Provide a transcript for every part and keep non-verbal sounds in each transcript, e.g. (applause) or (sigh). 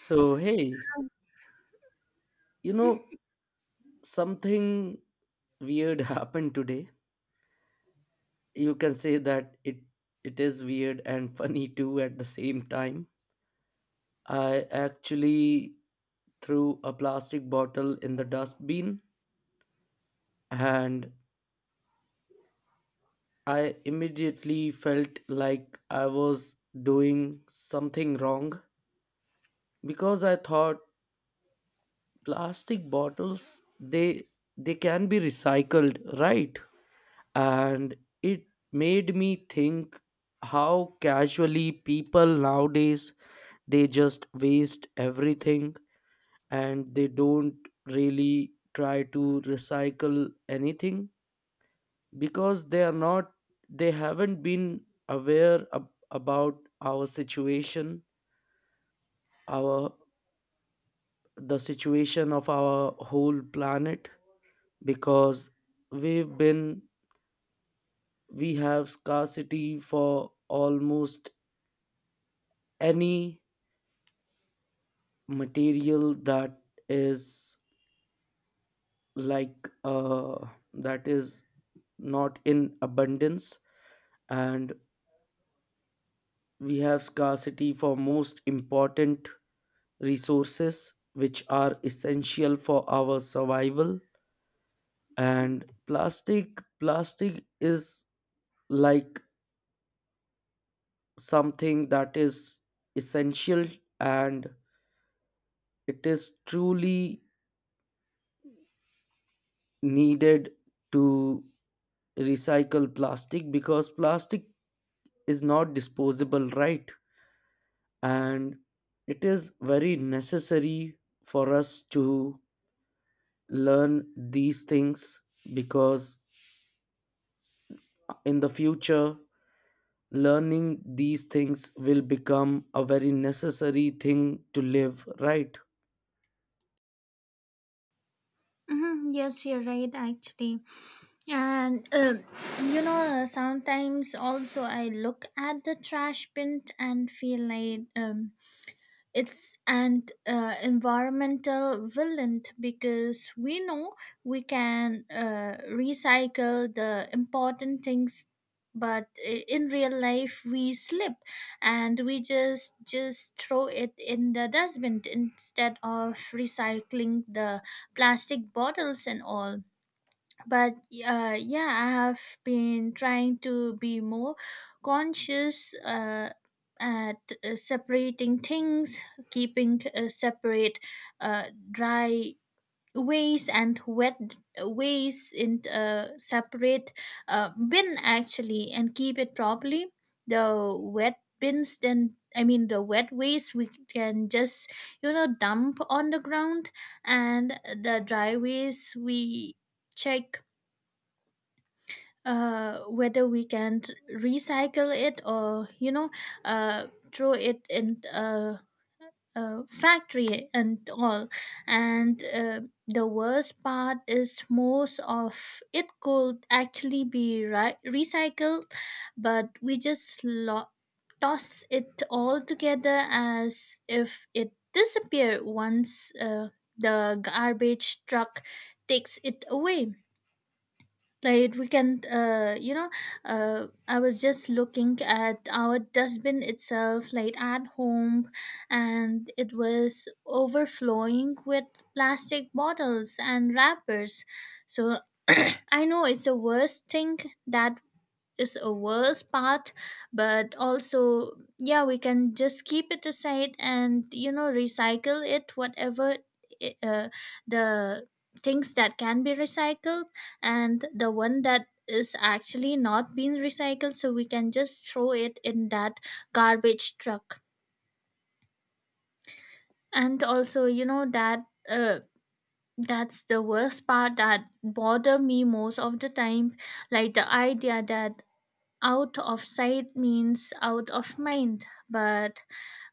So, hey, you know, something weird (laughs) happened today. You can say that it is weird and (laughs) funny too at the same time. I actually threw a plastic bottle in the dustbin, and I immediately felt like I was doing something wrong because I thought plastic bottles they can be recycled, right? And it made me think how casually people nowadays they just waste everything and they don't really try to recycle anything because they are not they haven't been aware about our situation our the situation of our whole planet, because we've been we have scarcity for almost any material that is like that is not in abundance. And we have scarcity for most important resources, which are essential for our survival. And plastic is like something that is essential, and it is truly needed to recycle plastic because plastic is not disposable, right? And it is very necessary for us to learn these things, because in the future learning these things will become a very necessary thing to live, right? Mm-hmm. Yes, you're right, actually. And You know, sometimes also I look at the trash bin and feel like it's an environmental villain because we know we can recycle the important things, but in real life we slip and we just throw it in the dustbin instead of recycling the plastic bottles and all. But yeah, I have been trying to be more conscious, at separating things, keeping separate, uh, dry waste and wet waste in separate, bin actually, and keep it properly. The wet bins, then I mean the wet waste, we can just, you know, dump on the ground, and the dry waste we check whether we can recycle it, or you know, uh, throw it in a factory and all. And The worst part is most of it could actually be recycled, but we just toss it all together as if it disappeared once the garbage truck takes it away. Like we can, you know, I was just looking at our dustbin itself, like at home, and it was overflowing with plastic bottles and wrappers. So I know it's the worst thing, that is a worst part, but also, yeah, we can just keep it aside and, you know, recycle it, whatever, i- uh, the things that can be recycled, and the one that is actually not being recycled, so we can just throw it in that garbage truck. And also, you know that, uh, that's the worst part that bother me most of the time. Like the idea that out of sight means out of mind, but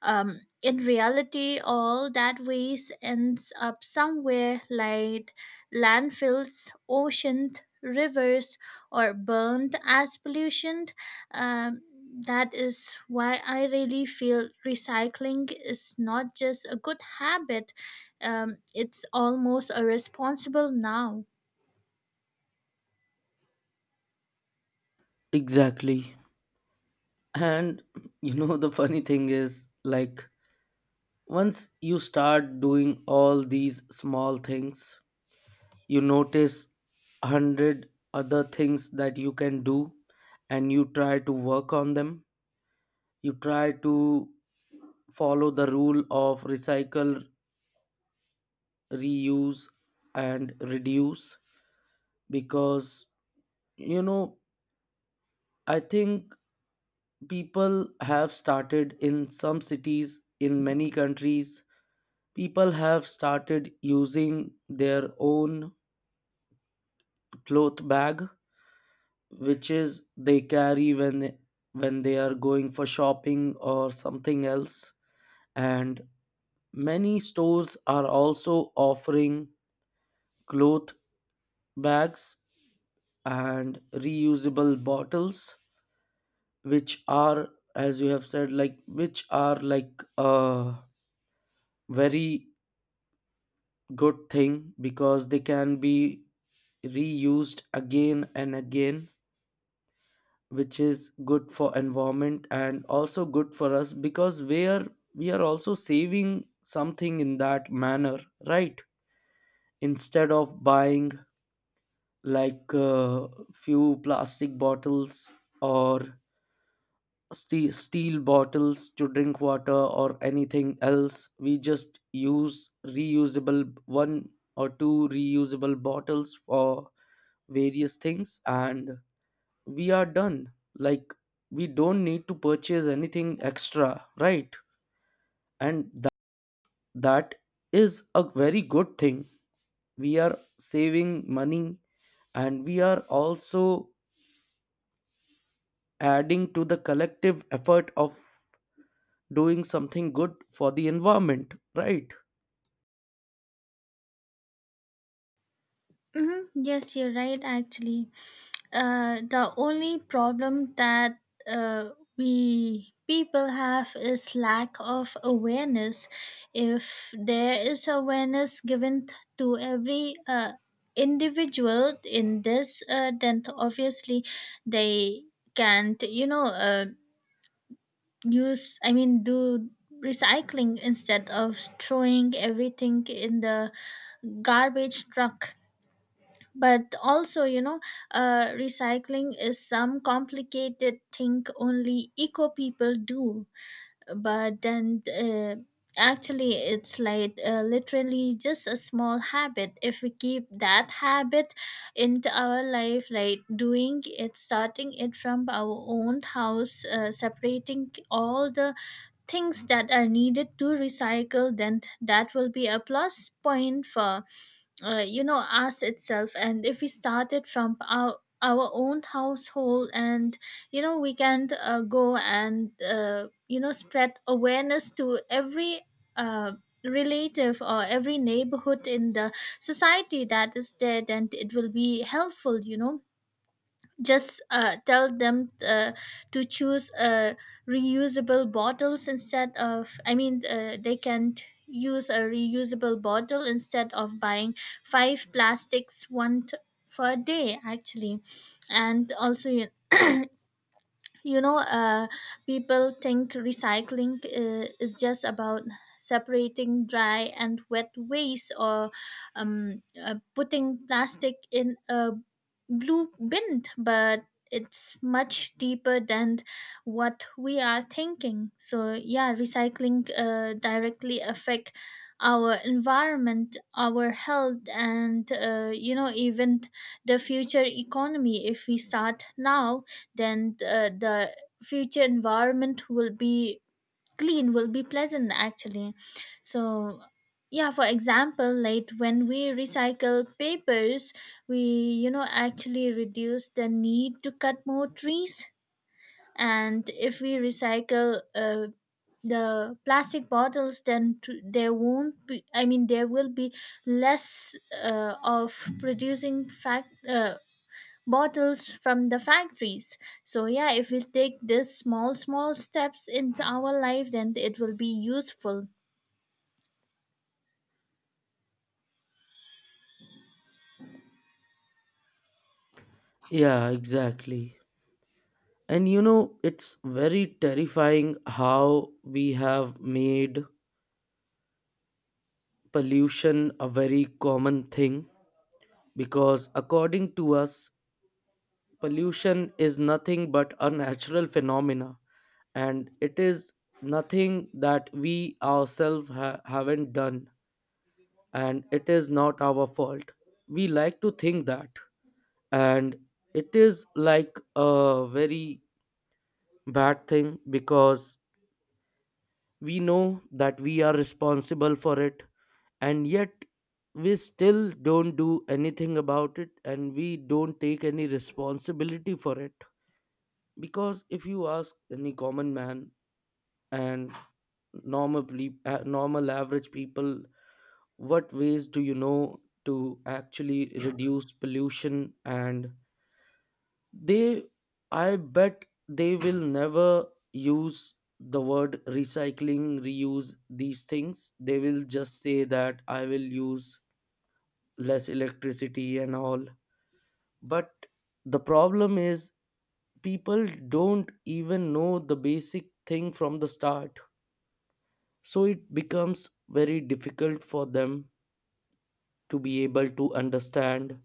in reality all that waste ends up somewhere, like landfills, oceans, rivers, or burned as pollution. um, that is why I really feel recycling is not just a good habit, it's almost a responsible now. Exactly. And the funny thing is, like, once you start doing all these small things, you notice a hundred other things that you can do, and you try to work on them. You try to follow the rule of recycle, reuse, and reduce, because, you know, I think people have started, in some cities, in many countries, people have started using their own cloth bag which is they carry when they are going for shopping or something else. And many stores are also offering cloth bags and reusable bottles which are, as you have said, like, which are like a very good thing because they can be reused again and again, which is good for environment and also good for us because we are also saving something in that manner, right? Instead of buying, like, few plastic bottles or steel bottles to drink water or anything else, we just use reusable one or two reusable bottles for various things, and we are done. Like, we don't need to purchase anything extra, right? And that is a very good thing. We are saving money, and we are also adding to the collective effort of doing something good for the environment, right? Hmm, yes, you're right, actually. The only problem that uh, we people have is lack of awareness. If there is awareness given to every individual in this, then obviously they can't, you know, use, I mean, do recycling instead of throwing everything in the garbage truck. But also, you know, recycling is some complicated thing only eco people do, but then, actually it's like, literally just a small habit. If we keep that habit into our life, like doing it, starting it from our own house, separating all the things that are needed to recycle, then that will be a plus point for you know, us itself. And if we started from our own household, and you know, we can, go and, you know, spread awareness to every uh, relative or every neighborhood in the society that is there, then it will be helpful, you know. Just tell them to choose reusable bottles instead of, I mean, they can use a reusable bottle instead of buying five plastics one for a day actually. And also you know, people think recycling, is just about separating dry and wet waste, or putting plastic in a blueprint, but it's much deeper than what we are thinking. So yeah, recycling directly affect our environment, our health, and, you know, even the future economy. If we start now, then the future environment will be clean, will be pleasant actually. So yeah, for example, like when we recycle papers, we, you know, actually reduce the need to cut more trees. And if we recycle the plastic bottles, then there won't be, I mean, there will be less of producing fact bottles from the factories. So yeah, if we take this small steps into our life, then it will be useful. Yeah, exactly. And it's very terrifying how we have made pollution a very common thing, because according to us pollution is nothing but a natural phenomena, and it is nothing that we ourselves haven't done, and it is not our fault. We like to think that. And it is like a very bad thing because we know that we are responsible for it, and yet we still don't do anything about it, and we don't take any responsibility for it. Because if you ask any common man and normal normal average people, what ways do you know to actually reduce pollution, and they I bet they will never use the word recycling, reuse, these things. They will just say that I will use less electricity and all. But the problem is people don't even know the basic thing from the start, so it becomes very difficult for them to be able to understand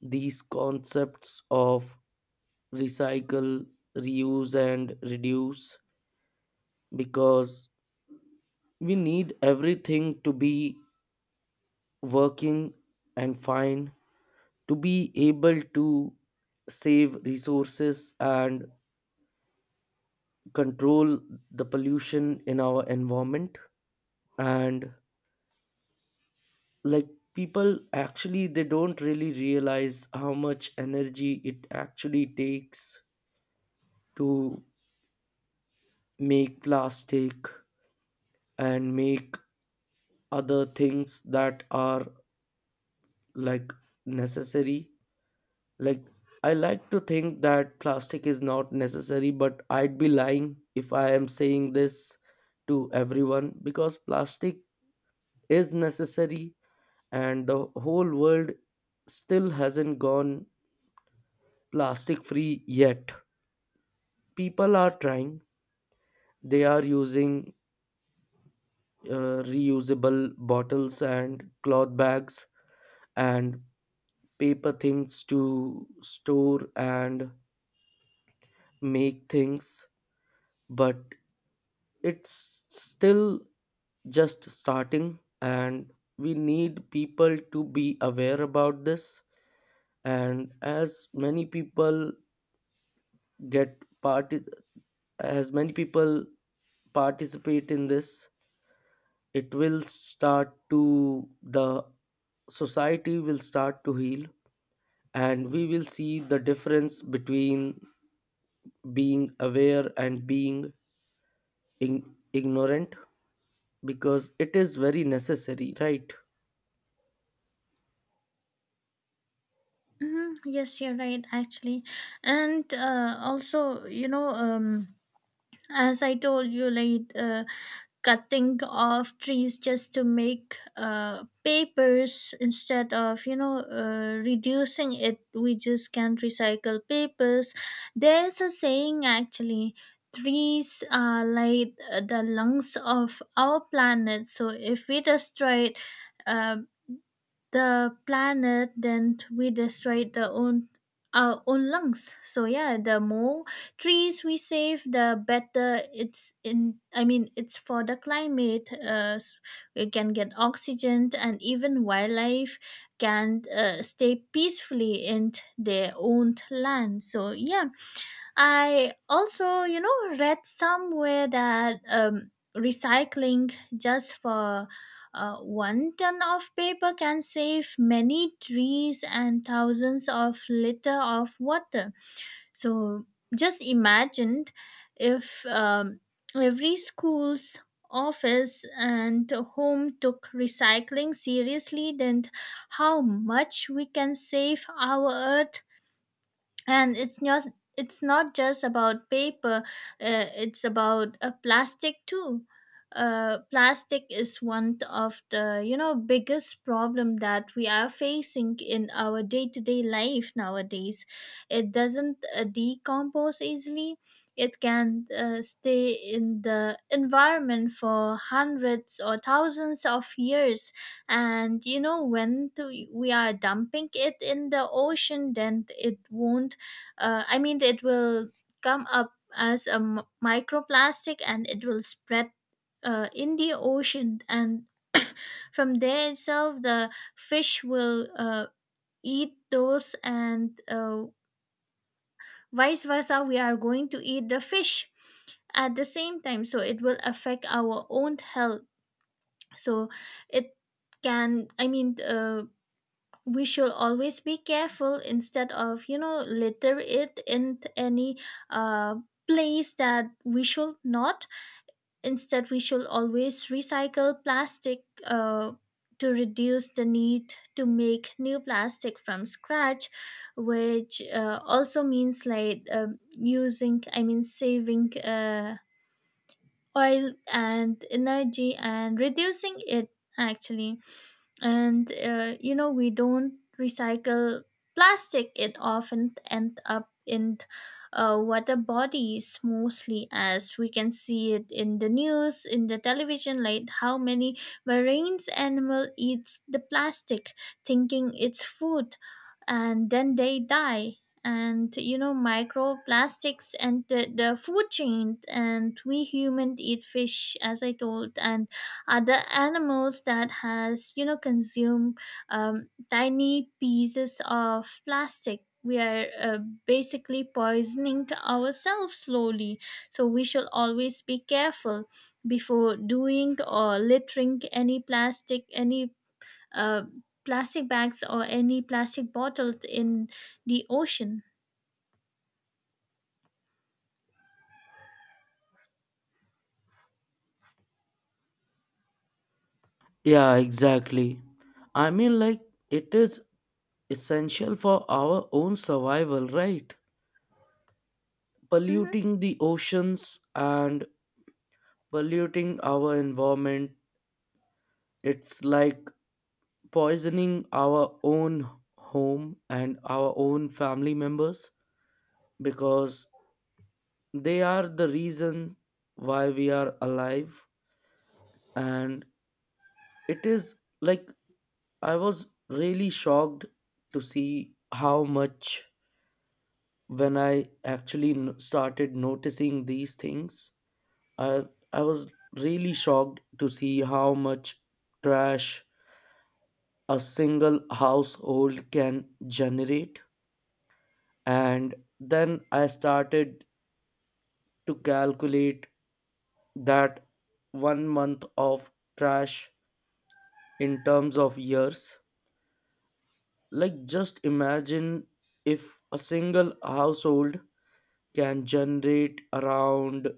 these concepts of recycle, reuse, and reduce, because we need everything to be working and fine to be able to save resources and control the pollution in our environment. And, like, people actually they don't really realize how much energy it actually takes to make plastic and make other things that are, like, necessary. Like, I like to think that plastic is not necessary, but I'd be lying if I am saying this to everyone, because plastic is necessary, and the whole world still hasn't gone plastic free yet. People are trying, they are using reusable bottles and cloth bags and paper things to store and make things, but it's still just starting, and we need people to be aware about this, and get part as many people participate in this, it will start to the society will start to heal, and we will see the difference between being aware and being ignorant, because it is very necessary, right? Hmm, yes, you're right, actually. And Also, you know, as I told you, like, cutting off trees just to make papers instead of, you know, reducing it, we just can not recycle papers. There's a saying actually, trees are like the lungs of our planet, so if we destroy it, uh, the planet, then we destroy the own, our own lungs. So yeah, the more trees we save, the better it's in, I mean, it's for the climate. We can get oxygen, and even wildlife can stay peacefully in their own land. So yeah, I also, you know, read somewhere that recycling just for one ton of paper can save many trees and thousands of liter of water. So just imagine if every school's office and home took recycling seriously, then how much we can save our earth. And it's just, it's not just about paper, it's about plastic too. Plastic is one of the, you know, biggest problem that we are facing in our day-to-day life nowadays. It doesn't decompose easily. It can stay in the environment for hundreds or thousands of years. And you know, when we are dumping it in the ocean, then it won't, I mean, it will come up as a microplastic, and it will spread in the ocean. And (coughs) from there itself, the fish will eat those, and vice versa, we are going to eat the fish at the same time. So it will affect our own health. So it can, I mean, we should always be careful instead of, you know, litter it in any uh, place that we should not. Instead, we should always recycle plastic to reduce the need to make new plastic from scratch, which also means like, using, I mean, saving oil and energy and reducing it actually. And You know, we don't recycle plastic, it often end up in water bodies mostly, as we can see it in the news in the television, like how many marine animal eats the plastic thinking it's food, and then they die. And you know, microplastics, and the food chain, and we humans eat fish, as I told, and other animals that has, you know, consume tiny pieces of plastic, we are basically poisoning ourselves slowly. So we should always be careful before doing or littering any plastic, any uh, plastic bags or any plastic bottles in the ocean. Yeah, exactly. I mean, like, it is essential for our own survival, right? Mhm. Polluting the oceans and polluting our environment, it's like poisoning our own home and our own family members, because they are the reason why we are alive. And it is, like, I was really shocked to see how much, when I actually started noticing these things. I I was really shocked to see how much trash a single household can generate. And then I started to calculate that one month of trash in terms of years. Like, just imagine if a single household can generate around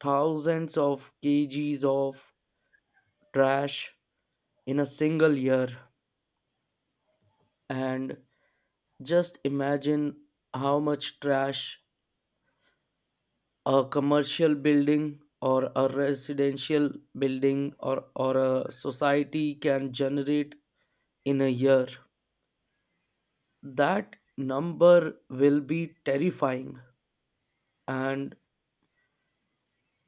thousands of kgs of trash in a single year. And just imagine how much trash a commercial building or a residential building, or a society can generate in a year. That number will be terrifying, and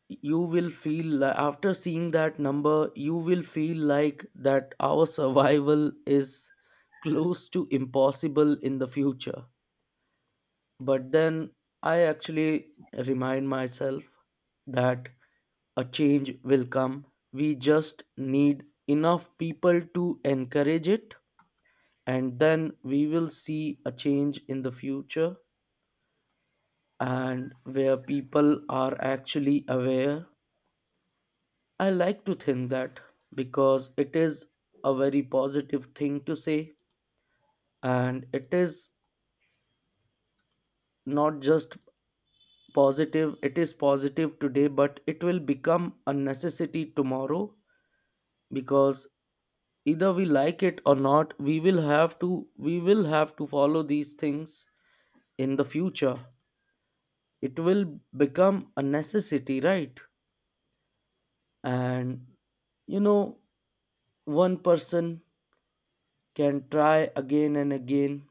you will feel like, after seeing that number, you will feel like that our (laughs) survival is close to impossible in the future. But then I actually remind myself that a change will come. We just need enough people to encourage it, and then we will see a change in the future, and where people are actually aware. I like to think that, because it is a very positive thing to say, and it is not just positive, it is positive today but it will become a necessity tomorrow, because either we like it or not, we will have to follow these things in the future. It will become a necessity, right? And you know one person can try again and again.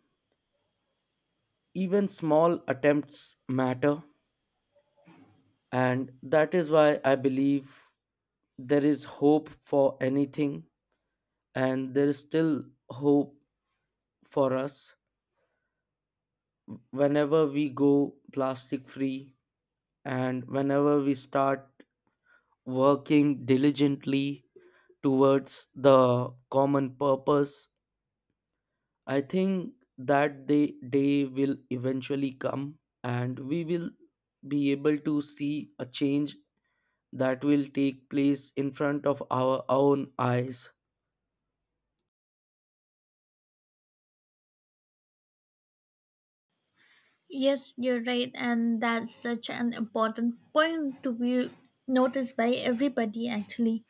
Even small attempts matter, and that is why I believe there is hope for anything, and there is still hope for us whenever we go plastic free, and whenever we start working diligently towards the common purpose. I think that day will eventually come, and we will be able to see a change that will take place in front of our own eyes. Yes, you're right, and that's such an important point to be noticed by everybody. Actually,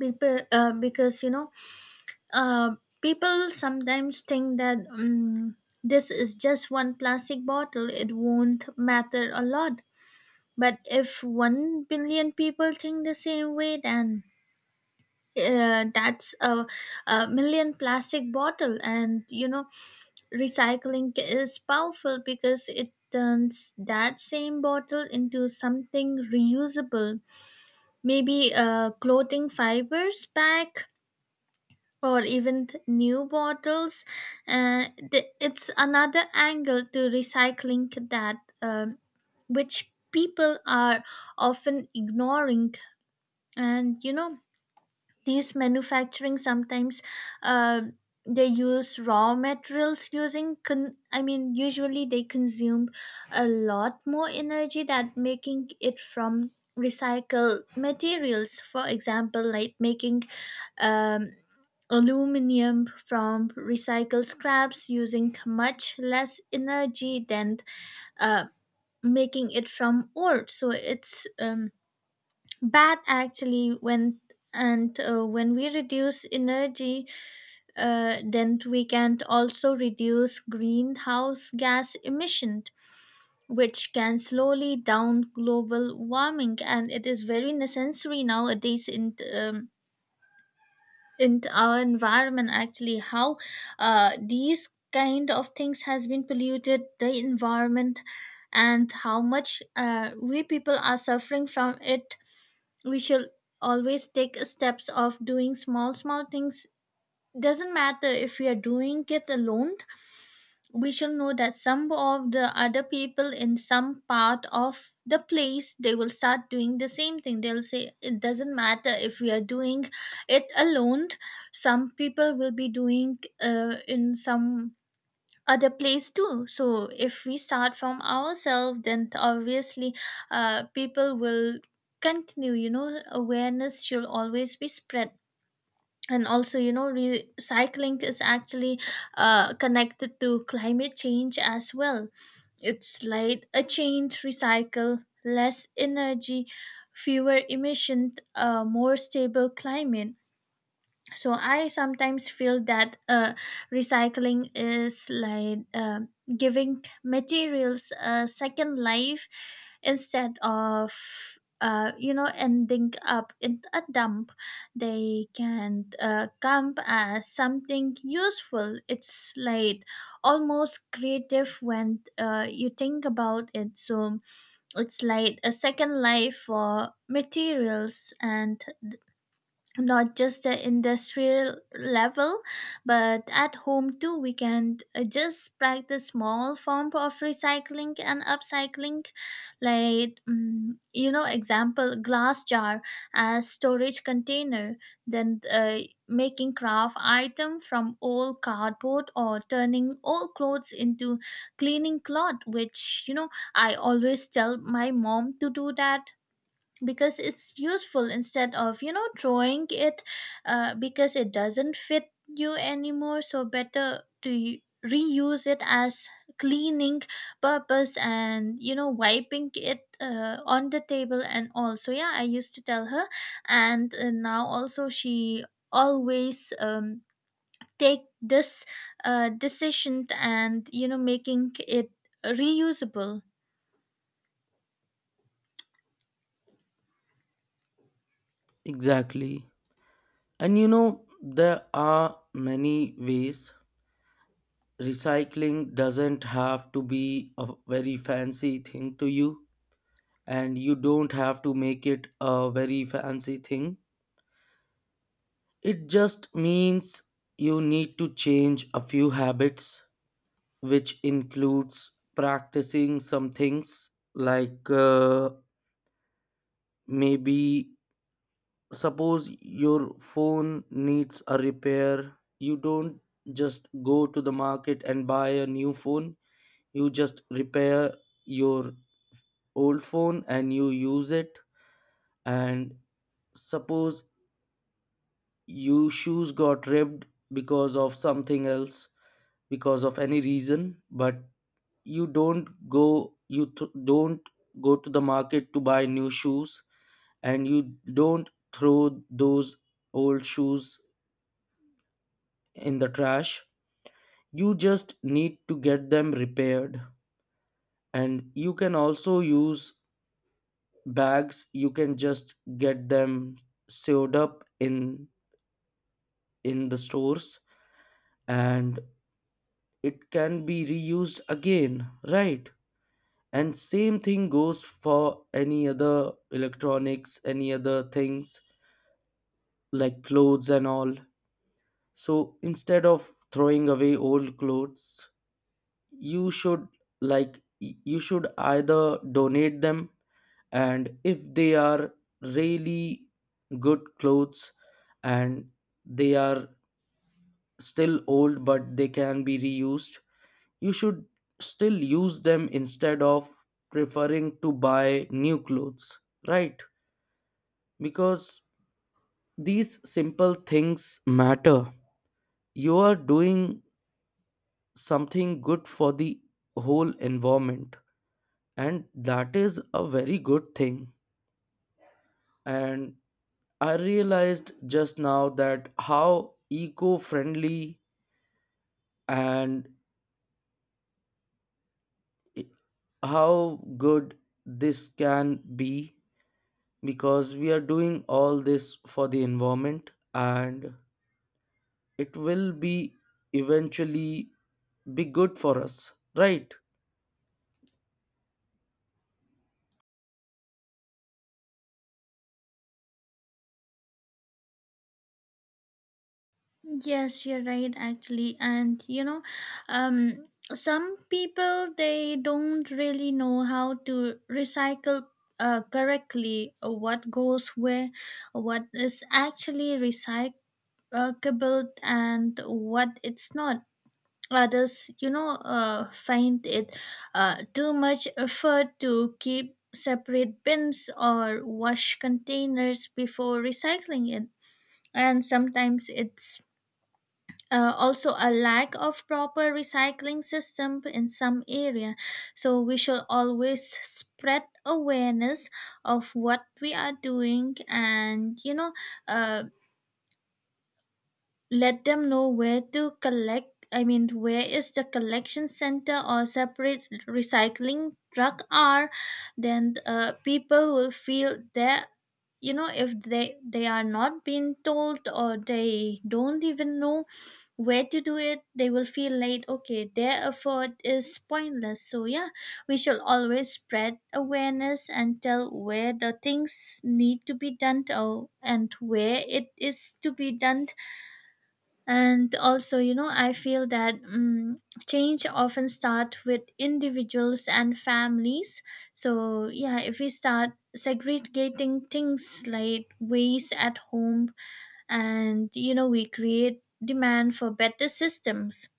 because you know, people sometimes think that, this is just one plastic bottle, it won't matter a lot. But if 1 billion people think the same way, then that's a million plastic bottle. And you know, recycling is powerful because it turns that same bottle into something reusable, maybe clothing fibers back, or even new bottles. uh, it's another angle to recycling, that which people are often ignoring. And you know, these manufacturing sometimes, uh, they use raw materials using I mean, usually they consume a lot more energy than making it from recycled materials. For example, like making um, aluminum from recycled scraps using much less energy than uh, making it from ore. So it's, bad actually when, and when we reduce energy, then we can also reduce greenhouse gas emission, which can slowly down global warming. And it is very necessary nowadays in, in our environment, actually, how these kind of things has been polluted the environment, and how much, we people are suffering from it. We should always take steps of doing small things. Doesn't matter if we are doing it alone, we should know that some of the other people in some part of the place, they will start doing the same thing. They'll say, it doesn't matter if we are doing it alone, some people will be doing, in some other place too. So if we start from ourselves, then obviously, people will continue. You know, awareness should always be spread. And also, you know, recycling is actually connected to climate change as well. It's like a chain: recycle, less energy, fewer emission, more stable climate. So I sometimes feel that, recycling is like, giving materials a second life instead of, you know, ending up in a dump, they can come as something useful. It's like almost creative when you think about it. So it's like a second life for materials, and not just the industrial level, but at home too, we can just practice small form of recycling and upcycling, like you know, example, glass jar as storage container, then making craft item from old cardboard, or turning old clothes into cleaning cloth, which you know, I always tell my mom to do that because it's useful instead of, you know, throwing it, because it doesn't fit you anymore, so better to reuse it as cleaning purpose, and you know, wiping it on the table and all. So yeah, I used to tell her. And Now also she always, take this decision, and you know, making it reusable. Exactly. And there are many ways. Recycling doesn't have to be a very fancy thing to you, and you don't have to make it a very fancy thing. It just means you need to change a few habits, which includes practicing some things like maybe suppose your phone needs a repair, you don't just go to the market and buy a new phone, you just repair your old phone and you use it. And suppose your shoes got ripped, because of something else, because of any reason, but you don't go to the market to buy new shoes, and you don't throw those old shoes in the trash. You just need to get them repaired. And you can also use bags, you can just get them sewed up in the stores, and it can be reused again, right? And same thing goes for any other electronics, any other things like clothes and all. So instead of throwing away old clothes, you should, like, you should either donate them. And if they are really good clothes, and they are still old but they can be reused, you should still use them instead of preferring to buy new clothes, right? Because these simple things matter. You are doing something good for the whole environment, and that is a very good thing. And I realized just now that how eco friendly and how good this can be, because we are doing all this for the environment, and it will be eventually be good for us, right? Yes, you're right, actually. And you know, um, some people, they don't really know how to recycle correctly, what goes where, what is actually recyclable, and what it's not. Others, you know, find it too much effort to keep separate bins or wash containers before recycling it. And sometimes it's also a lack of proper recycling system in some area. So we should always spread awareness of what we are doing, and you know, uh, let them know where to collect, I mean, where is the collection center or separate recycling truck are. Then people will feel that, you know, if they are not being told, or they don't even know where to do it, they will feel like okay, their effort is pointless. So yeah, we should always spread awareness and tell where the things need to be done, and where it is to be done. And also, you know, I feel that, change often start with individuals and families. So yeah, if we start segregating things like waste at home, and you know, we create demand for better systems.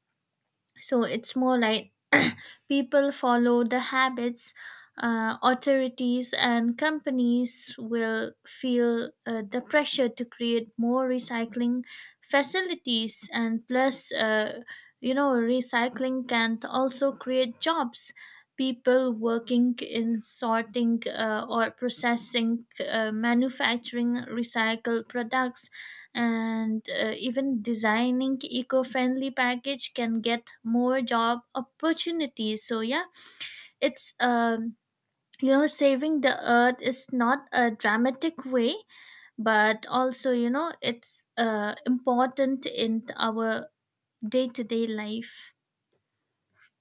So it's more like, (clears throat) people follow the habits, authorities and companies will feel the pressure to create more recycling facilities. And plus, you know, recycling can also create jobs. People working in sorting, or processing, manufacturing recycled products, and even designing eco-friendly package can get more job opportunities. So yeah, it's, you know, saving the earth is not a dramatic way, but also, you know, it's important in our day-to-day life.